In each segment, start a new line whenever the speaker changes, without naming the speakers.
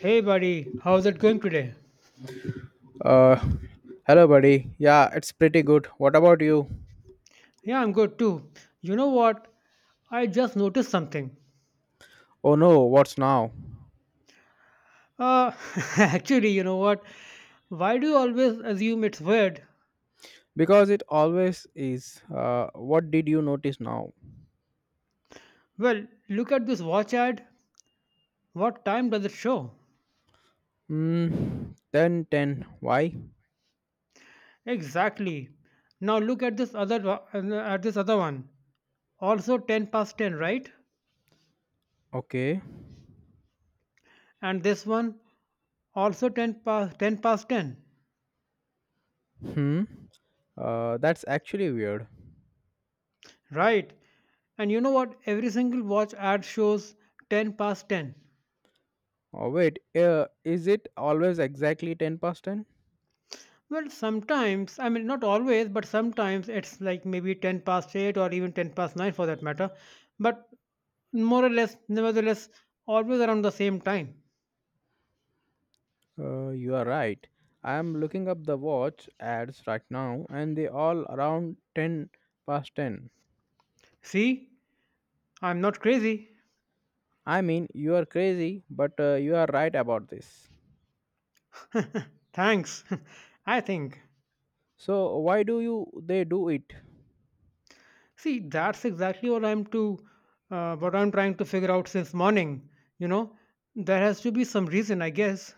Hey buddy, how's it going today?
Uh, Hello, buddy. Yeah, it's pretty good. What about you?
Yeah, I'm good too. You know what? I just noticed something.
Oh no, what's now?
Uh, Actually, you know what? Why do you always assume it's weird?
Because it always is. What did you notice now?
Well, look at this watch ad. What time does it show?
Hmm. Ten, ten. Why?
Exactly. Now look at this other one. Also 10 past 10, right?
Okay.
And this one also 10 past 10 past 10.
Hmm. That's actually weird.
Right. And you know what? Every single watch ad shows 10 past 10.
Oh wait. Is it always exactly 10:10?
Well, sometimes, I mean, not always, but sometimes it's like maybe 10 past 8 or even 10 past 9 for that matter. But more or less, nevertheless, always around the same time.
You are right. I am looking up the watch ads right now, and they all around 10:10.
See, I'm not crazy.
I mean, you are crazy, but you are right about this.
Thanks. I think.
So why do you they do it?
See, that's exactly what I'm trying to figure out since morning. You know, there has to be some reason, I guess.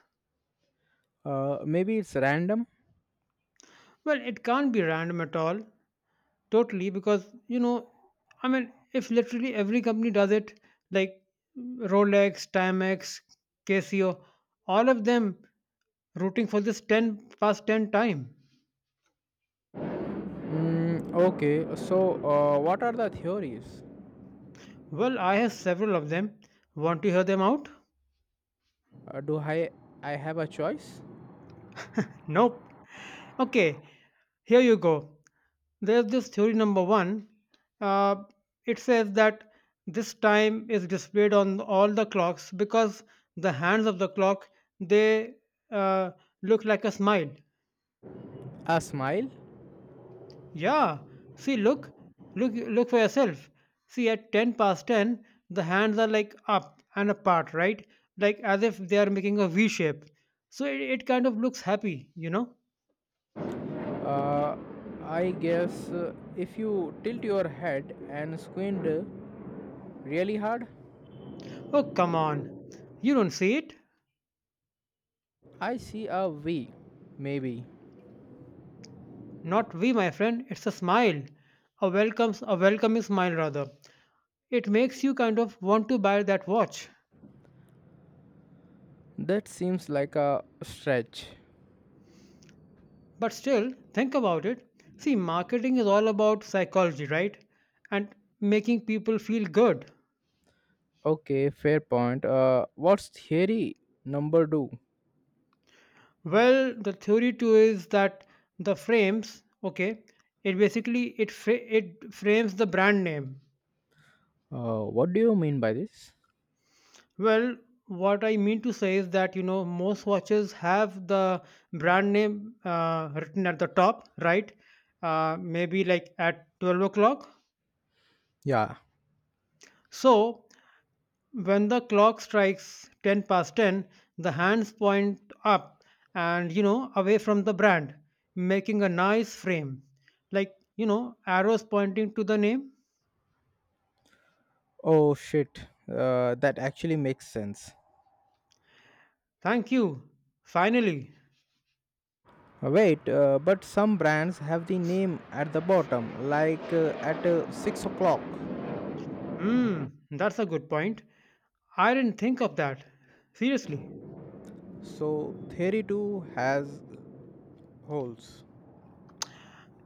Maybe it's random.
Well, it can't be random at all. Totally, because, you know, I mean, if literally every company does it, like Rolex, Timex, Casio, all of them rooting for this 10 past 10 time.
Mm, okay. So what are the theories?
Well, I have several of them. Want to hear them out?
Do I have a choice?
Nope. Okay, here you go. There's this theory number one. Uh, it says that this time is displayed on all the clocks because the hands of the clock, they uh, look like a smile.
A smile?
Yeah, see, look, look, look for yourself. See, at 10:10, the hands are like up and apart, right? Like as if they are making a V shape. So it kind of looks happy, you know.
Uh, I guess if you tilt your head and squint really hard,
Oh, come on, you don't see it.
I see a V. Maybe
Not we, my friend. It's a smile. A welcoming smile rather. It makes you kind of want to buy that watch.
that seems like a stretch.
But still, think about it. See, marketing is all about psychology, right? And making people feel good.
Okay, fair point. What's theory number two?
Well, the theory too is that the frames, okay, it basically it frames the brand name.
What do you mean by this?
Well, what I mean to say is that, you know, most watches have the brand name written at the top, right? Maybe like at 12 o'clock.
Yeah.
So when the clock strikes 10 past 10, the hands point up and, you know, away from the brand, making a nice frame. Like, you know, arrows pointing to the name.
Oh shit, that actually makes sense.
Thank you. Finally.
Wait, but some brands have the name at the bottom, like at 6 o'clock.
Hmm, that's a good point. I didn't think of that. Seriously.
So, Theory 2 has holes.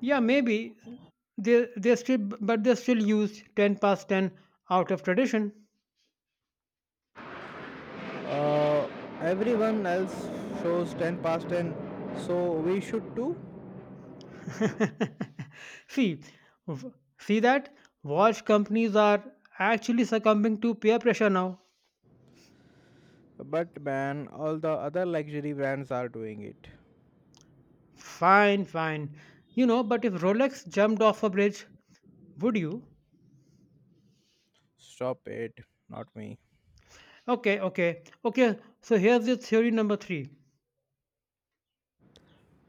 Yeah, maybe they still use 10 past 10 out of tradition.
Uh, Everyone else shows 10 past 10, so we should too.
see, w- see that watch companies are actually succumbing to peer pressure now.
But man, all the other luxury brands are doing it.
Fine, fine. You know, but if Rolex jumped off a bridge, would you?
Stop it, not me.
Okay, okay. Okay, so here's the theory number 3.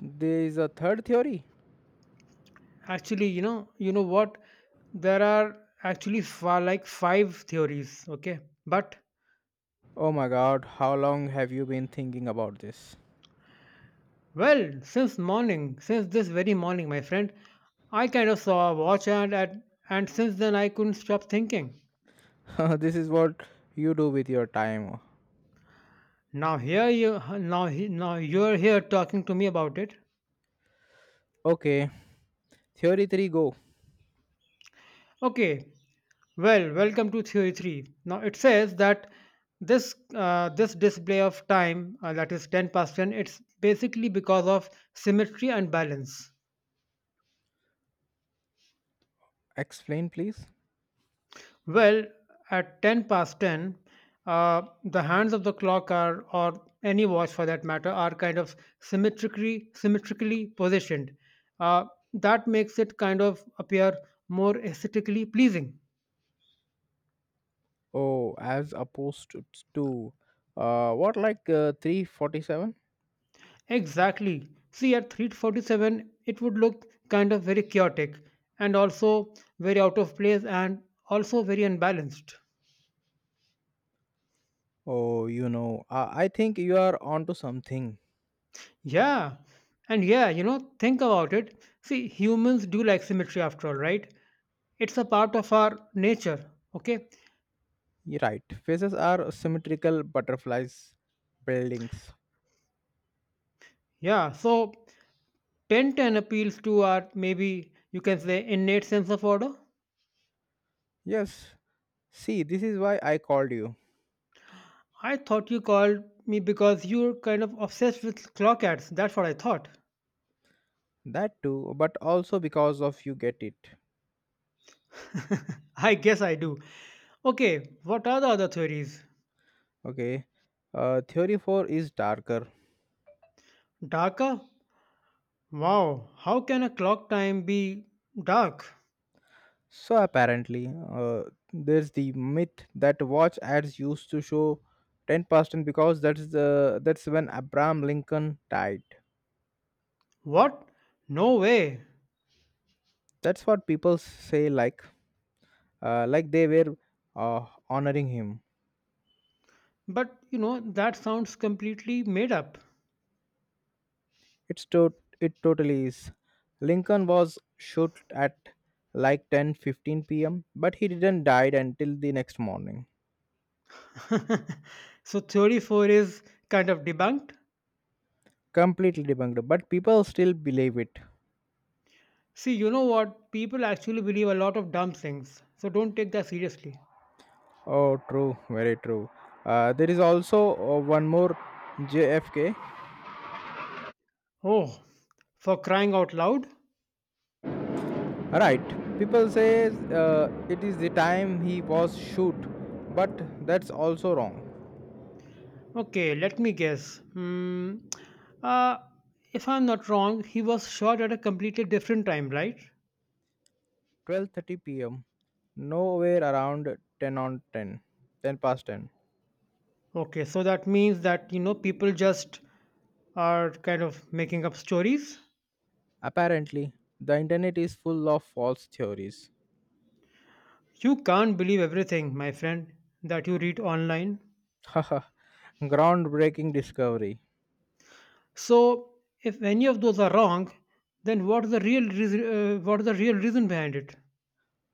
There is a third theory.
Actually, you know what? There are actually far, like, five theories, okay? But,
Oh my god, how long have you been thinking about this?
well, since morning, since this very morning, my friend, I kind of saw a watch, and since then I couldn't stop thinking.
This is what you do with your time.
Now here you now he- now you're here talking to me about it.
Okay, theory 3 go.
Okay. Well, welcome to theory 3. Now it says that this display of time, that is 10 past 10, it's basically because of symmetry and balance.
Explain please.
Well, at 10 past 10, the hands of the clock are, or any watch for that matter, are kind of symmetrically positioned. Uh, that makes it kind of appear more aesthetically pleasing.
Oh, as opposed to, what like 347?
Exactly. See, at 3:47, it would look kind of very chaotic and also very out of place and also very unbalanced.
Oh, I think you are onto something.
Yeah. And yeah, you know, think about it. See, humans do like symmetry after all, right? It's a part of our nature, okay?
You're right. Faces are symmetrical, butterflies, buildings.
Yeah, so 10:10 appeals to our, maybe you can say, innate sense of order.
Yes, see, this is why I called you.
I thought you called me because you're kind of obsessed with clock ads. That's what I thought.
That too, but also because of you get it.
I guess I do. Okay, what are the other theories?
Okay. Theory 4 is darker.
Darker? Wow, how can a clock time be dark?
So apparently, there's the myth that watch ads used to show 10% because that's when Abraham Lincoln died.
What? No way.
That's what people say, like they were honoring him.
But, you know, that sounds completely made up.
It's to- it totally is. Lincoln was shot at like 10:15 p.m., but he didn't die until the next morning.
So theory 4 is kind of debunked.
Completely debunked, but people still believe it.
See, you know what? People actually believe a lot of dumb things. So don't take that seriously.
Oh, true, very true. There is also one more JFK.
Oh, for crying out loud?
Right, people say uh, it is the time he was shoot, but that's also wrong.
Okay, let me guess. Hmm. Uh, if I'm not wrong, he was shot at a completely different time, right?
12:30 p.m. Nowhere around 10 on 10, 10 past 10.
Okay, so that means that, you know, people just are kind of making up stories.
Apparently, the internet is full of false theories.
You can't believe everything, my friend, that you read online.
Haha, groundbreaking discovery.
So if any of those are wrong, then what's the real reason behind it?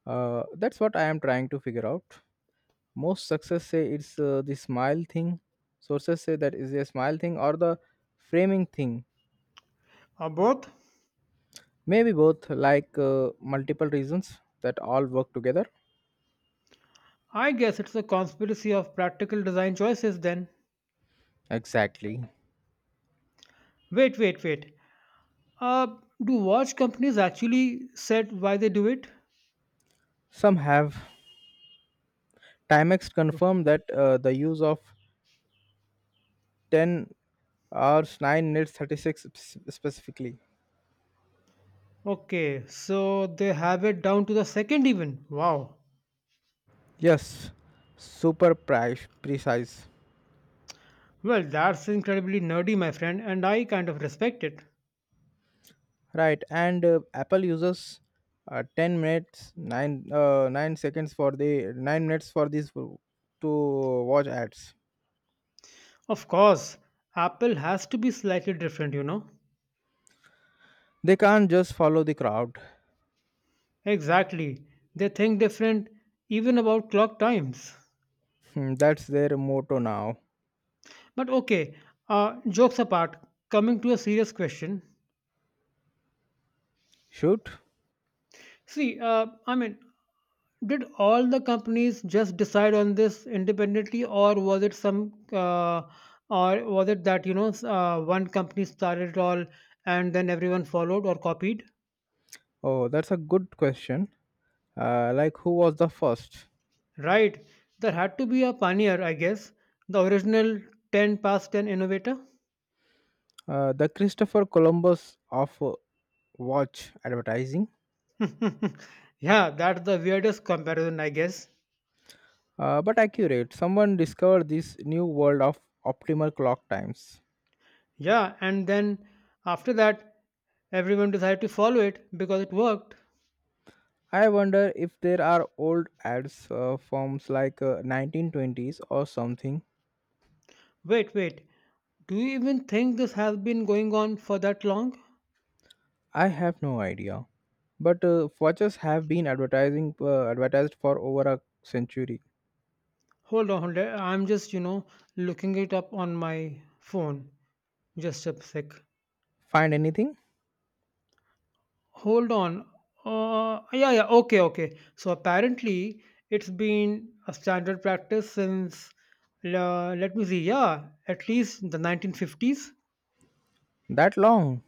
That's what I am trying to figure out. Most success say it's the smile thing. Sources say that is a smile thing or the framing thing.
Or both?
Maybe both, like multiple reasons that all work together.
I guess it's a conspiracy of practical design choices then.
Exactly.
Wait, wait, wait. Uh, do watch companies actually said why they do it?
Some have. Timex confirmed that the use of 10 hours 9 minutes 36 specifically.
Okay, so they have it down to the second even. Wow.
Yes, super precise.
Well, that's incredibly nerdy, my friend, and I kind of respect it.
Right, and Apple uses 10 minutes, 9 seconds for the 9 minutes for this w- to watch ads.
Of course, Apple has to be slightly different, you know.
They can't just follow the crowd.
Exactly. They think different even about clock times.
Hmm, that's their motto now.
But okay, jokes apart, coming to a serious question.
Shoot.
See, I mean, did all the companies just decide on this independently, or was it that, you know, one company started it all and then everyone followed or copied?
Oh, that's a good question. Like, who was the first?
Right. There had to be a pioneer, I guess, the original 10 past 10 innovator.
The Christopher Columbus of watch advertising.
Yeah, that's the weirdest comparison, I guess.
But accurate. Someone discovered this new world of optimal clock times.
Yeah, and then after that, everyone decided to follow it because it worked.
I wonder if there are old ads, forms like 1920s or something.
Wait, wait. Do you even think this has been going on for that long?
I have no idea. But watches have been advertising advertised for over a century.
Hold on, hold on. I'm just, you know, looking it up on my phone. Just a sec.
Find anything.
Hold on. Yeah, yeah. Okay, okay. So apparently, it's been a standard practice since, let me see, yeah, at least the 1950s.
That long?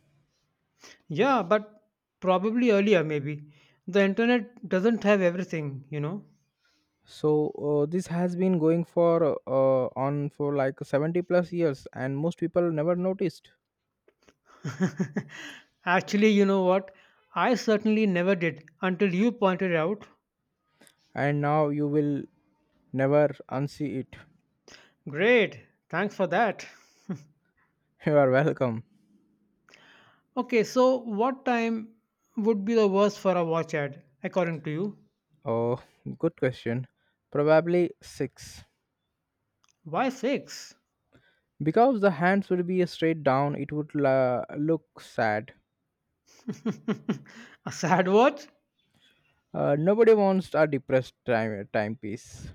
Yeah, but probably earlier, maybe. The internet doesn't have everything, you know.
So this has been going for on for like 70 plus years, and most people never noticed.
Actually, you know what? I certainly never did until you pointed out.
And now you will never unsee it.
Great, thanks for that.
You are welcome.
Okay, so what time would be the worst for a watch ad, according to you?
Oh, good question. Probably six.
Why six?
Because the hands would be straight down, it would look sad.
A sad watch?
Nobody wants a depressed timepiece.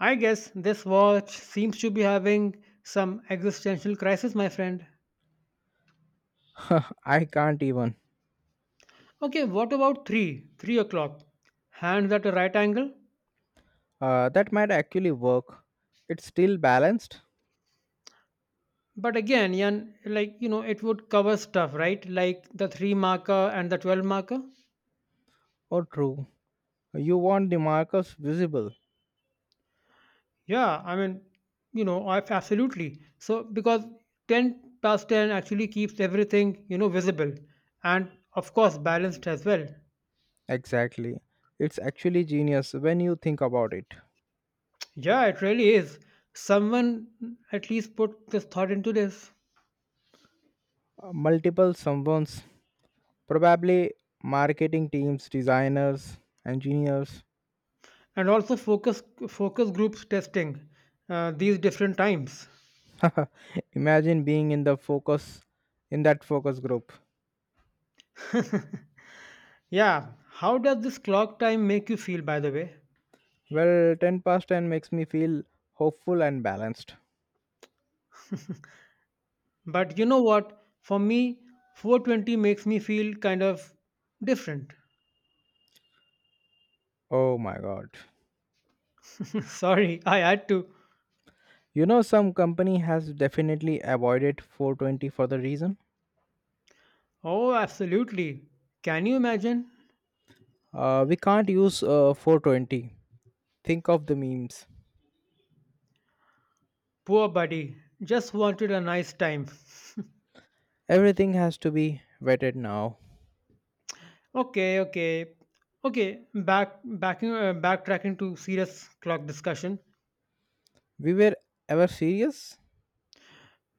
I guess this watch seems to be having some existential crisis, my friend.
I can't even.
Okay, what about three? 3 o'clock. Hands at a right angle?
That might actually work. It's still balanced.
But again, Yan, like, you know, it would cover stuff, right? Like the three marker and the 12 marker.
Or true. You want the markers visible.
Yeah, I mean, you know, absolutely. So, because 10 past 10 actually keeps everything, you know, visible and, of course, balanced as well.
Exactly. It's actually genius when you think about it.
Yeah, it really is. Someone at least put this thought into this.
Multiple someone's, probably marketing teams, designers, engineers.
And also focus groups testing these different times.
Imagine being in the focus in that focus group.
Yeah, how does this clock time make you feel, by the way?
Well, 10 past 10 makes me feel hopeful and balanced.
But you know what? For me, 420 makes me feel kind of different.
Oh my god.
Sorry, I had to.
Some company has definitely avoided 420 for the reason.
Oh, absolutely. Can you imagine?
We can't use 420. Think of the memes.
Poor buddy, just wanted a nice time.
Everything has to be vetted now.
Okay, okay, okay. Backtracking to serious clock discussion.
We were ever serious?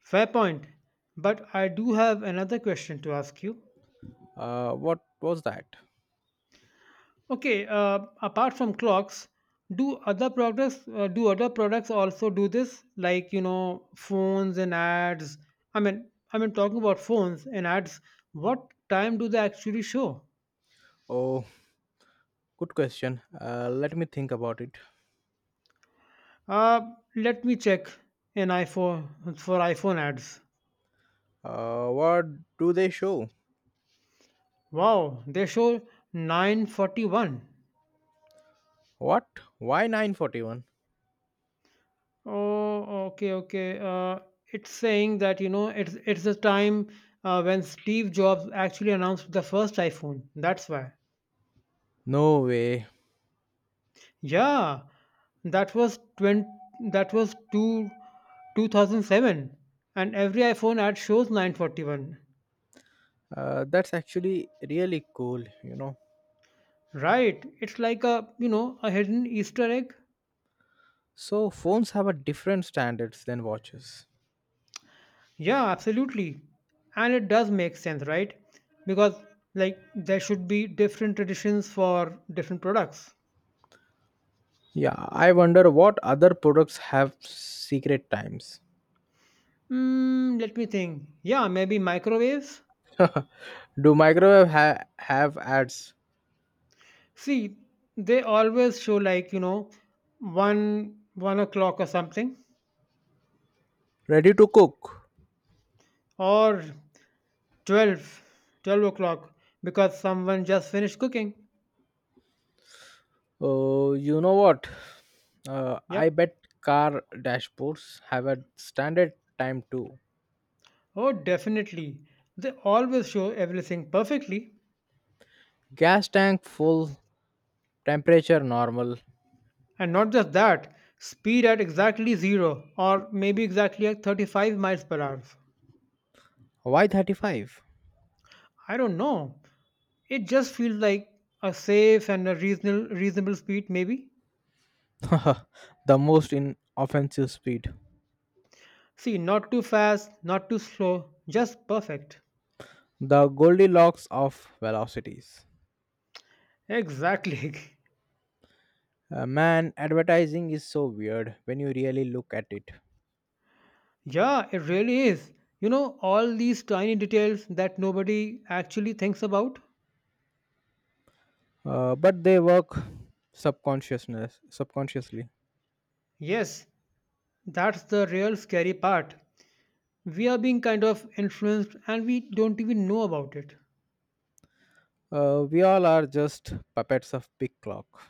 Fair point. But I do have another question to ask you.
What was that?
Okay, apart from clocks, do other products also do this? Like, you know, phones and ads. I mean, talking about phones and ads. What time do they actually show?
Oh, good question. Let me think about it.
Uh, Let me check an iPhone for iPhone ads.
What do they show?
Wow, they show 9:41.
What? Why 941?
Oh, okay, okay. It's saying that, you know, it's the time when Steve Jobs actually announced the first iPhone. That's why.
No way.
Yeah, that was 20, that was two, 2007, and every iPhone ad shows 9:41.
That's actually really cool.
Right, it's like, a, you know, a hidden Easter egg.
So phones have a different standards than watches.
Yeah, absolutely. And it does make sense, right? Because, like, there should be different traditions for different products.
Yeah, I wonder what other products have secret times.
Mm, let me think. Yeah, maybe microwaves.
Do microwave have ads
See, they always show, like, you know, 1 1 o'clock or something.
ready to cook?
Or 12, 12 o'clock, because someone just finished cooking.
Oh, you know what? I
Yep.
bet car dashboards have a standard time too.
Oh, definitely. They always show everything perfectly.
Gas tank full, temperature normal.
And not just that, speed at exactly zero, or maybe exactly at 35 miles per hour.
Why 35?
I don't know, it just feels like a safe and a reasonable speed, maybe.
The most inoffensive speed.
See, not too fast, not too slow, just perfect.
The Goldilocks of velocities.
Exactly.
Man, advertising is so weird when you really look at it.
Yeah, it really is. You know, all these tiny details that nobody actually thinks about?
But they work subconsciously.
Yes, that's the real scary part. We are being kind of influenced and we don't even know about it.
We all are just puppets of big clock.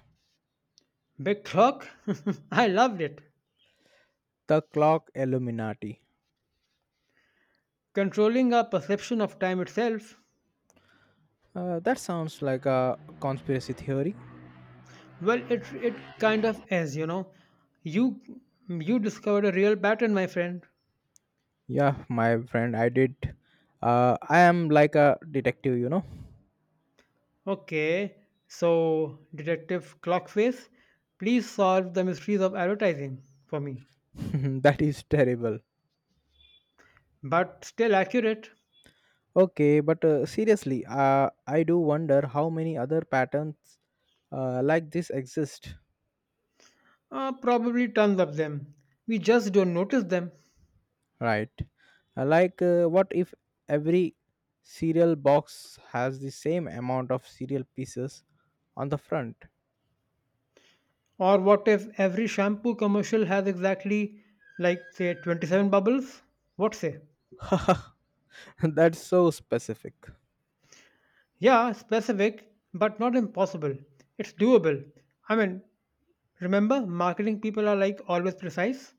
Big clock? I loved it.
The clock Illuminati.
Controlling our perception of time itself.
That sounds like a conspiracy theory.
Well, it kind of is, you know. You you discovered a real pattern, my friend.
Yeah, my friend, I did. I am like a detective.
Okay, so Detective Clockface, please solve the mysteries of advertising for me.
That is terrible.
But still accurate.
Okay, but seriously, I do wonder how many other patterns like this exist,
Probably tons of them. We just don't notice them.
right? Like, what if every cereal box has the same amount of cereal pieces on the front?
Or what if every shampoo commercial has exactly, like, say, 27 bubbles? What say?
That's so specific.
Yeah, specific, but not impossible. It's doable. I mean, remember, marketing people are, like, always precise.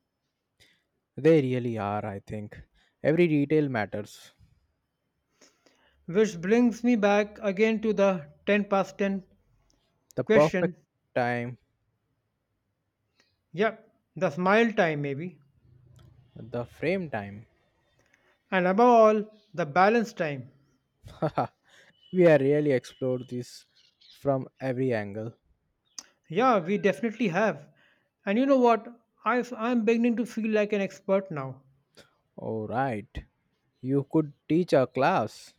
They really are, I think. Every detail matters.
Which brings me back again to the 10 past 10
The
question.
perfect time,
Yep, the smile time maybe.
the frame time.
And above all, the balance time.
We are really explored this from every angle.
Yeah, we definitely have. And you know what? I'm beginning to feel like an expert now.
All right. You could teach a class.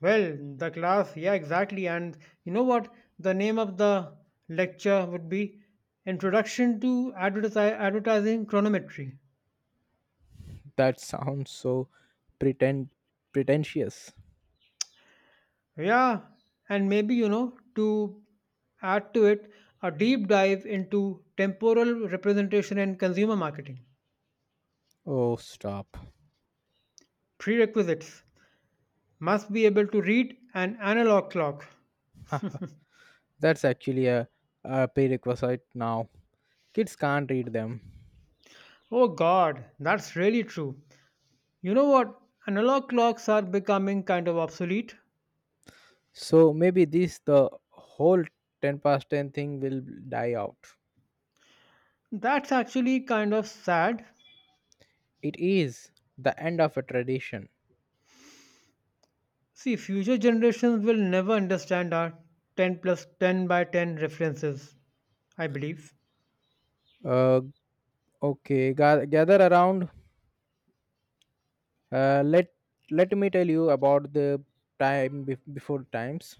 Well, the class, yeah, exactly. And you know what? The name of the lecture would be Introduction to Advertising Chronometry.
That sounds so pretend pretentious.
Yeah, and maybe, to add to it, a deep dive into temporal representation and consumer marketing
Oh, stop.
prerequisites must be able to read an analog clock.
Huh, that's actually a prerequisite now. Kids can't read them.
Oh god, that's really true. You know what? Analog clocks are becoming kind of obsolete.
So maybe this the whole 10 past 10 thing will die out.
That's actually kind of sad.
It is the end of a tradition.
See, future generations will never understand our 10 plus 10 by 10 references, I believe.
Uh, okay, gather around. Uh, let let me tell you about the time before times.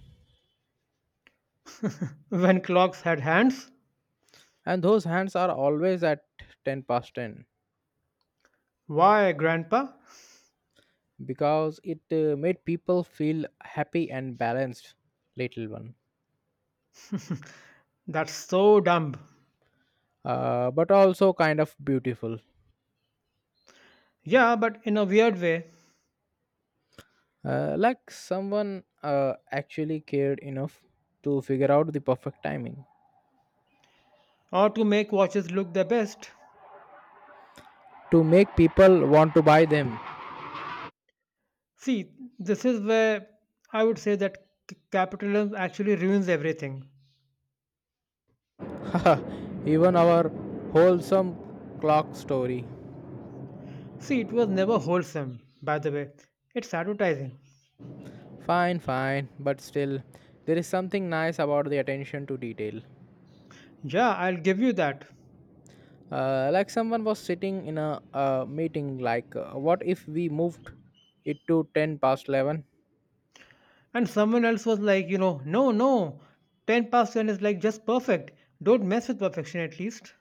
When clocks had hands?
And those hands are always at 10 past 10
Why, grandpa?
because it made people feel happy and balanced, little one.
That's so dumb.
Uh, but also kind of beautiful.
Yeah, but in a weird way.
Uh, like someone actually cared enough to figure out the perfect timing
Or to make watches look their best.
to make people want to buy them.
See, this is where I would say that capitalism actually ruins everything.
Even our wholesome clock story.
See, it was never wholesome, by the way. It's advertising.
Fine, fine, but still there is something nice about the attention to detail.
Yeah, I'll give you that.
Like, someone was sitting in a meeting, like, what if we moved it to 10 past 11?
And someone else was like, no, no, 10 past 10 is like just perfect. Don't mess with perfection at least.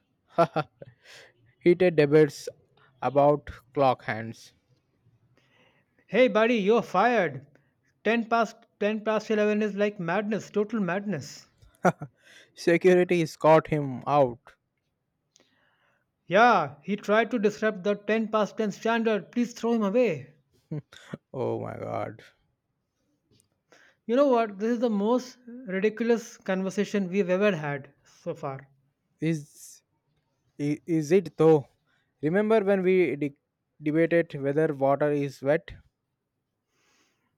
Heated debates about clock hands.
Hey, buddy, you're fired. 10 past 10 past 11 is like madness, total madness.
Security escort him out.
Yeah, he tried to disrupt the 10 past 10 standard. Please throw him away.
Oh my god.
You know what? This is the most ridiculous conversation we've ever had so far.
Is, is it though? Remember when we debated whether water is wet?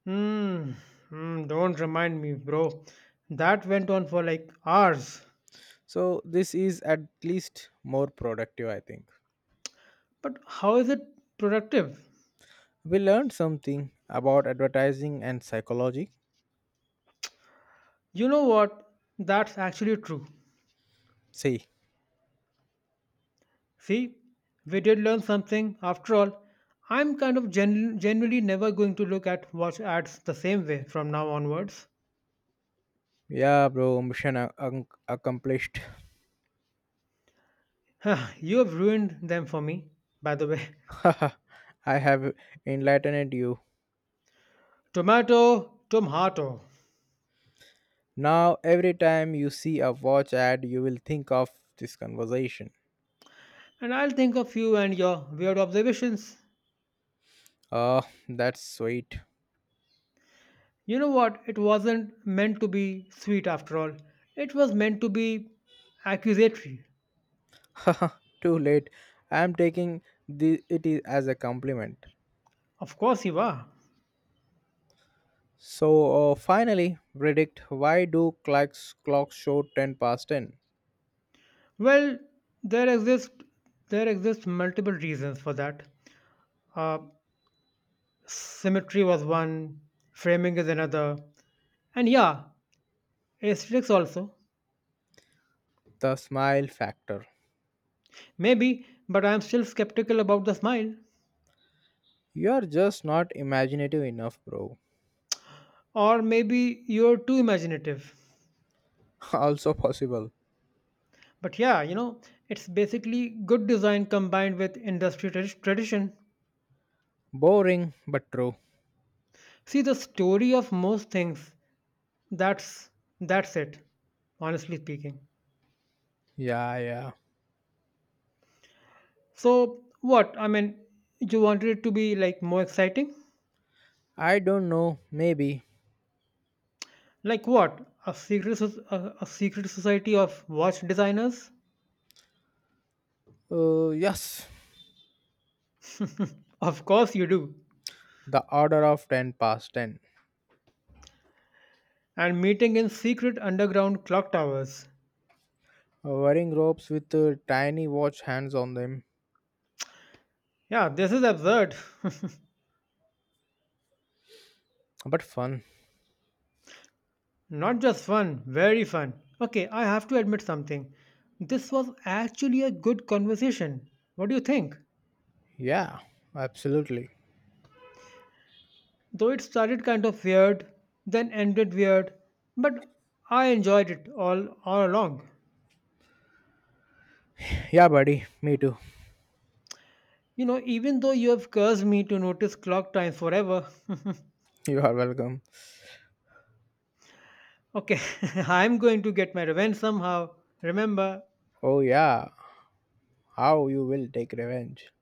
Hmm. Hmm. Don't remind me, bro. That went on for like hours.
So, this is at least more productive, I think.
But how is it productive?
We learned something about advertising and psychology.
You know what? That's actually true.
See.
See, we did learn something after all. I'm kind of generally never going to look at watch ads the same way from now onwards.
Yeah, bro, mission accomplished.
You have ruined them for me, by the way.
I have enlightened you.
Tomato, tomato.
Now, every time you see a watch ad, you will think of this conversation.
And I'll think of you and your weird observations.
Oh, that's sweet.
You know what? It wasn't meant to be sweet after all. It was meant to be accusatory.
Too late. I am taking it is as a compliment.
Of course you are.
So, finally, predict why do clocks show 10 past 10?
Well, there exist there exist multiple reasons for that. Uh, Symmetry was one, framing is another, and yeah, aesthetics also.
The smile factor.
Maybe, but I'm still skeptical about the smile.
You are just not imaginative enough, bro.
Or maybe you're too imaginative.
Also possible.
But yeah, it's basically good design combined with industry tradition.
Boring, but true.
See the story of most things. That's that's it, honestly speaking.
Yeah, yeah.
So what? I mean, you wanted it to be like more exciting?
I don't know. Maybe.
Like what? A secret society of watch designers?
Yes.
Of course you do.
The order of 10 past 10.
And meeting in secret underground clock towers.
Wearing ropes with tiny watch hands on them.
Yeah, this is absurd.
But fun.
Not just fun, very fun. Okay, I have to admit something. This was actually a good conversation. What do you think?
Yeah, absolutely.
Though it started kind of weird, then ended weird, but I enjoyed it all along.
Yeah, buddy. Me too.
You know, even though you have cursed me to notice clock time forever.
You are welcome.
Okay, I'm going to get my revenge somehow. Remember,
Oh, yeah. How you will take revenge.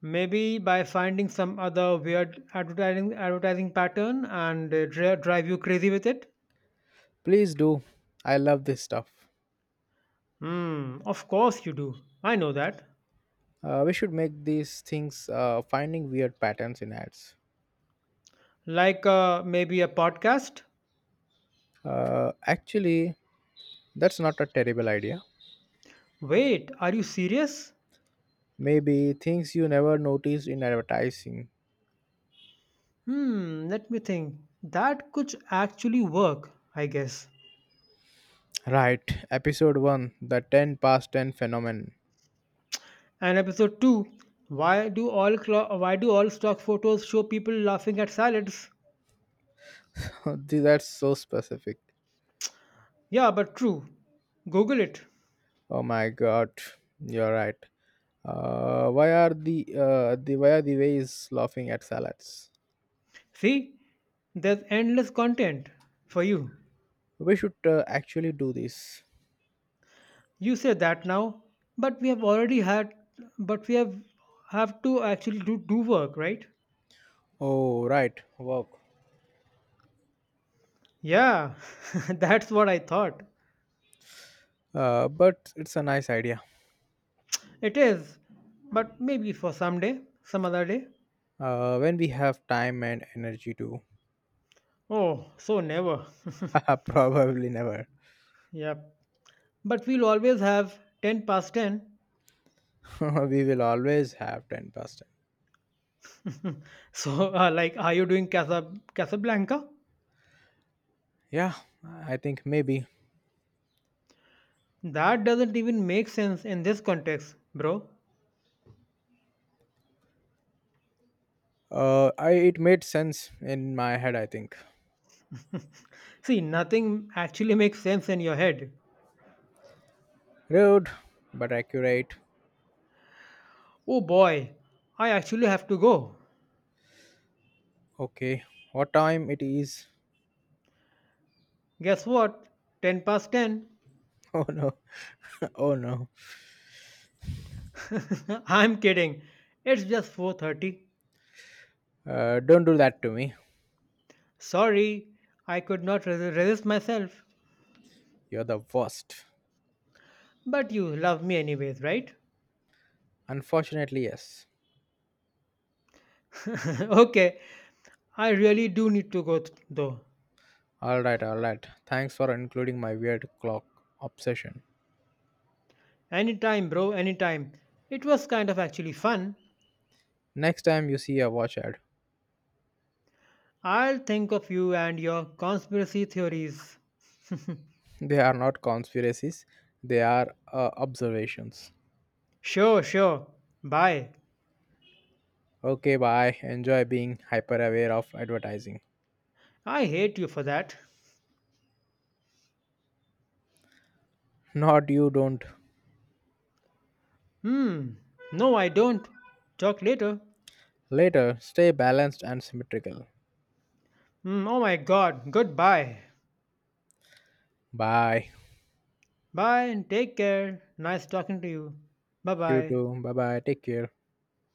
maybe by finding some other weird advertising pattern and drive you crazy with it.
Please do. I love this stuff.
Hmm, of course you do. I know that.
We should make these things, finding weird patterns in ads.
Like maybe a podcast?
Actually, that's not a terrible idea.
Wait, are you serious?
Maybe things you never noticed in advertising.
Hmm, let me think. That could actually work, I guess.
Right, episode 1, the 10 past 10 phenomenon.
And episode 2, why do all stock photos show people laughing at salads?
That's so specific.
Yeah, but true. Google it.
Oh my god, you're right. Why are the ways laughing at salads?
See, there's endless content for you.
We should actually do this.
You say that now, but we have already had but we have to actually do work, right?
Oh right, work.
Yeah, that's what I thought.
But it's a nice idea.
It is, but maybe for someday, some other day.
When we have time and energy to,
Oh, so never.
probably never.
yep. But we'll always have 10 past 10.
We will always have ten past.
So, like, are you doing Casablanca?
Yeah, I think maybe.
That doesn't even make sense in this context, bro.
I It made sense in my head. I think.
See, nothing actually makes sense in your head.
Rude, but accurate.
Oh boy, I actually have to go.
Okay, what time it is?
Guess what? 10 past 10.
Oh no, oh no.
I'm kidding. It's just 4:30.
Don't do that to me.
Sorry, I could not resist myself.
You're the worst.
But you love me anyways, right?
Unfortunately, yes.
Okay, I really do need to go though.
All right, all right. Thanks for including my weird clock obsession.
Anytime, bro, anytime. It was kind of actually fun.
Next time you see a watch ad,
I'll think of you and your conspiracy theories.
they are not conspiracies. They are observations.
Sure, sure. Bye.
Okay, bye. Enjoy being hyper aware of advertising.
I hate you for that.
Not you don't.
Hmm. No, I don't. Talk later.
Later, stay balanced and symmetrical.
Hmm. Oh my god. Goodbye.
Bye.
Bye and take care. Nice talking to you. Bye
You
bye.
too. Bye bye. Take care.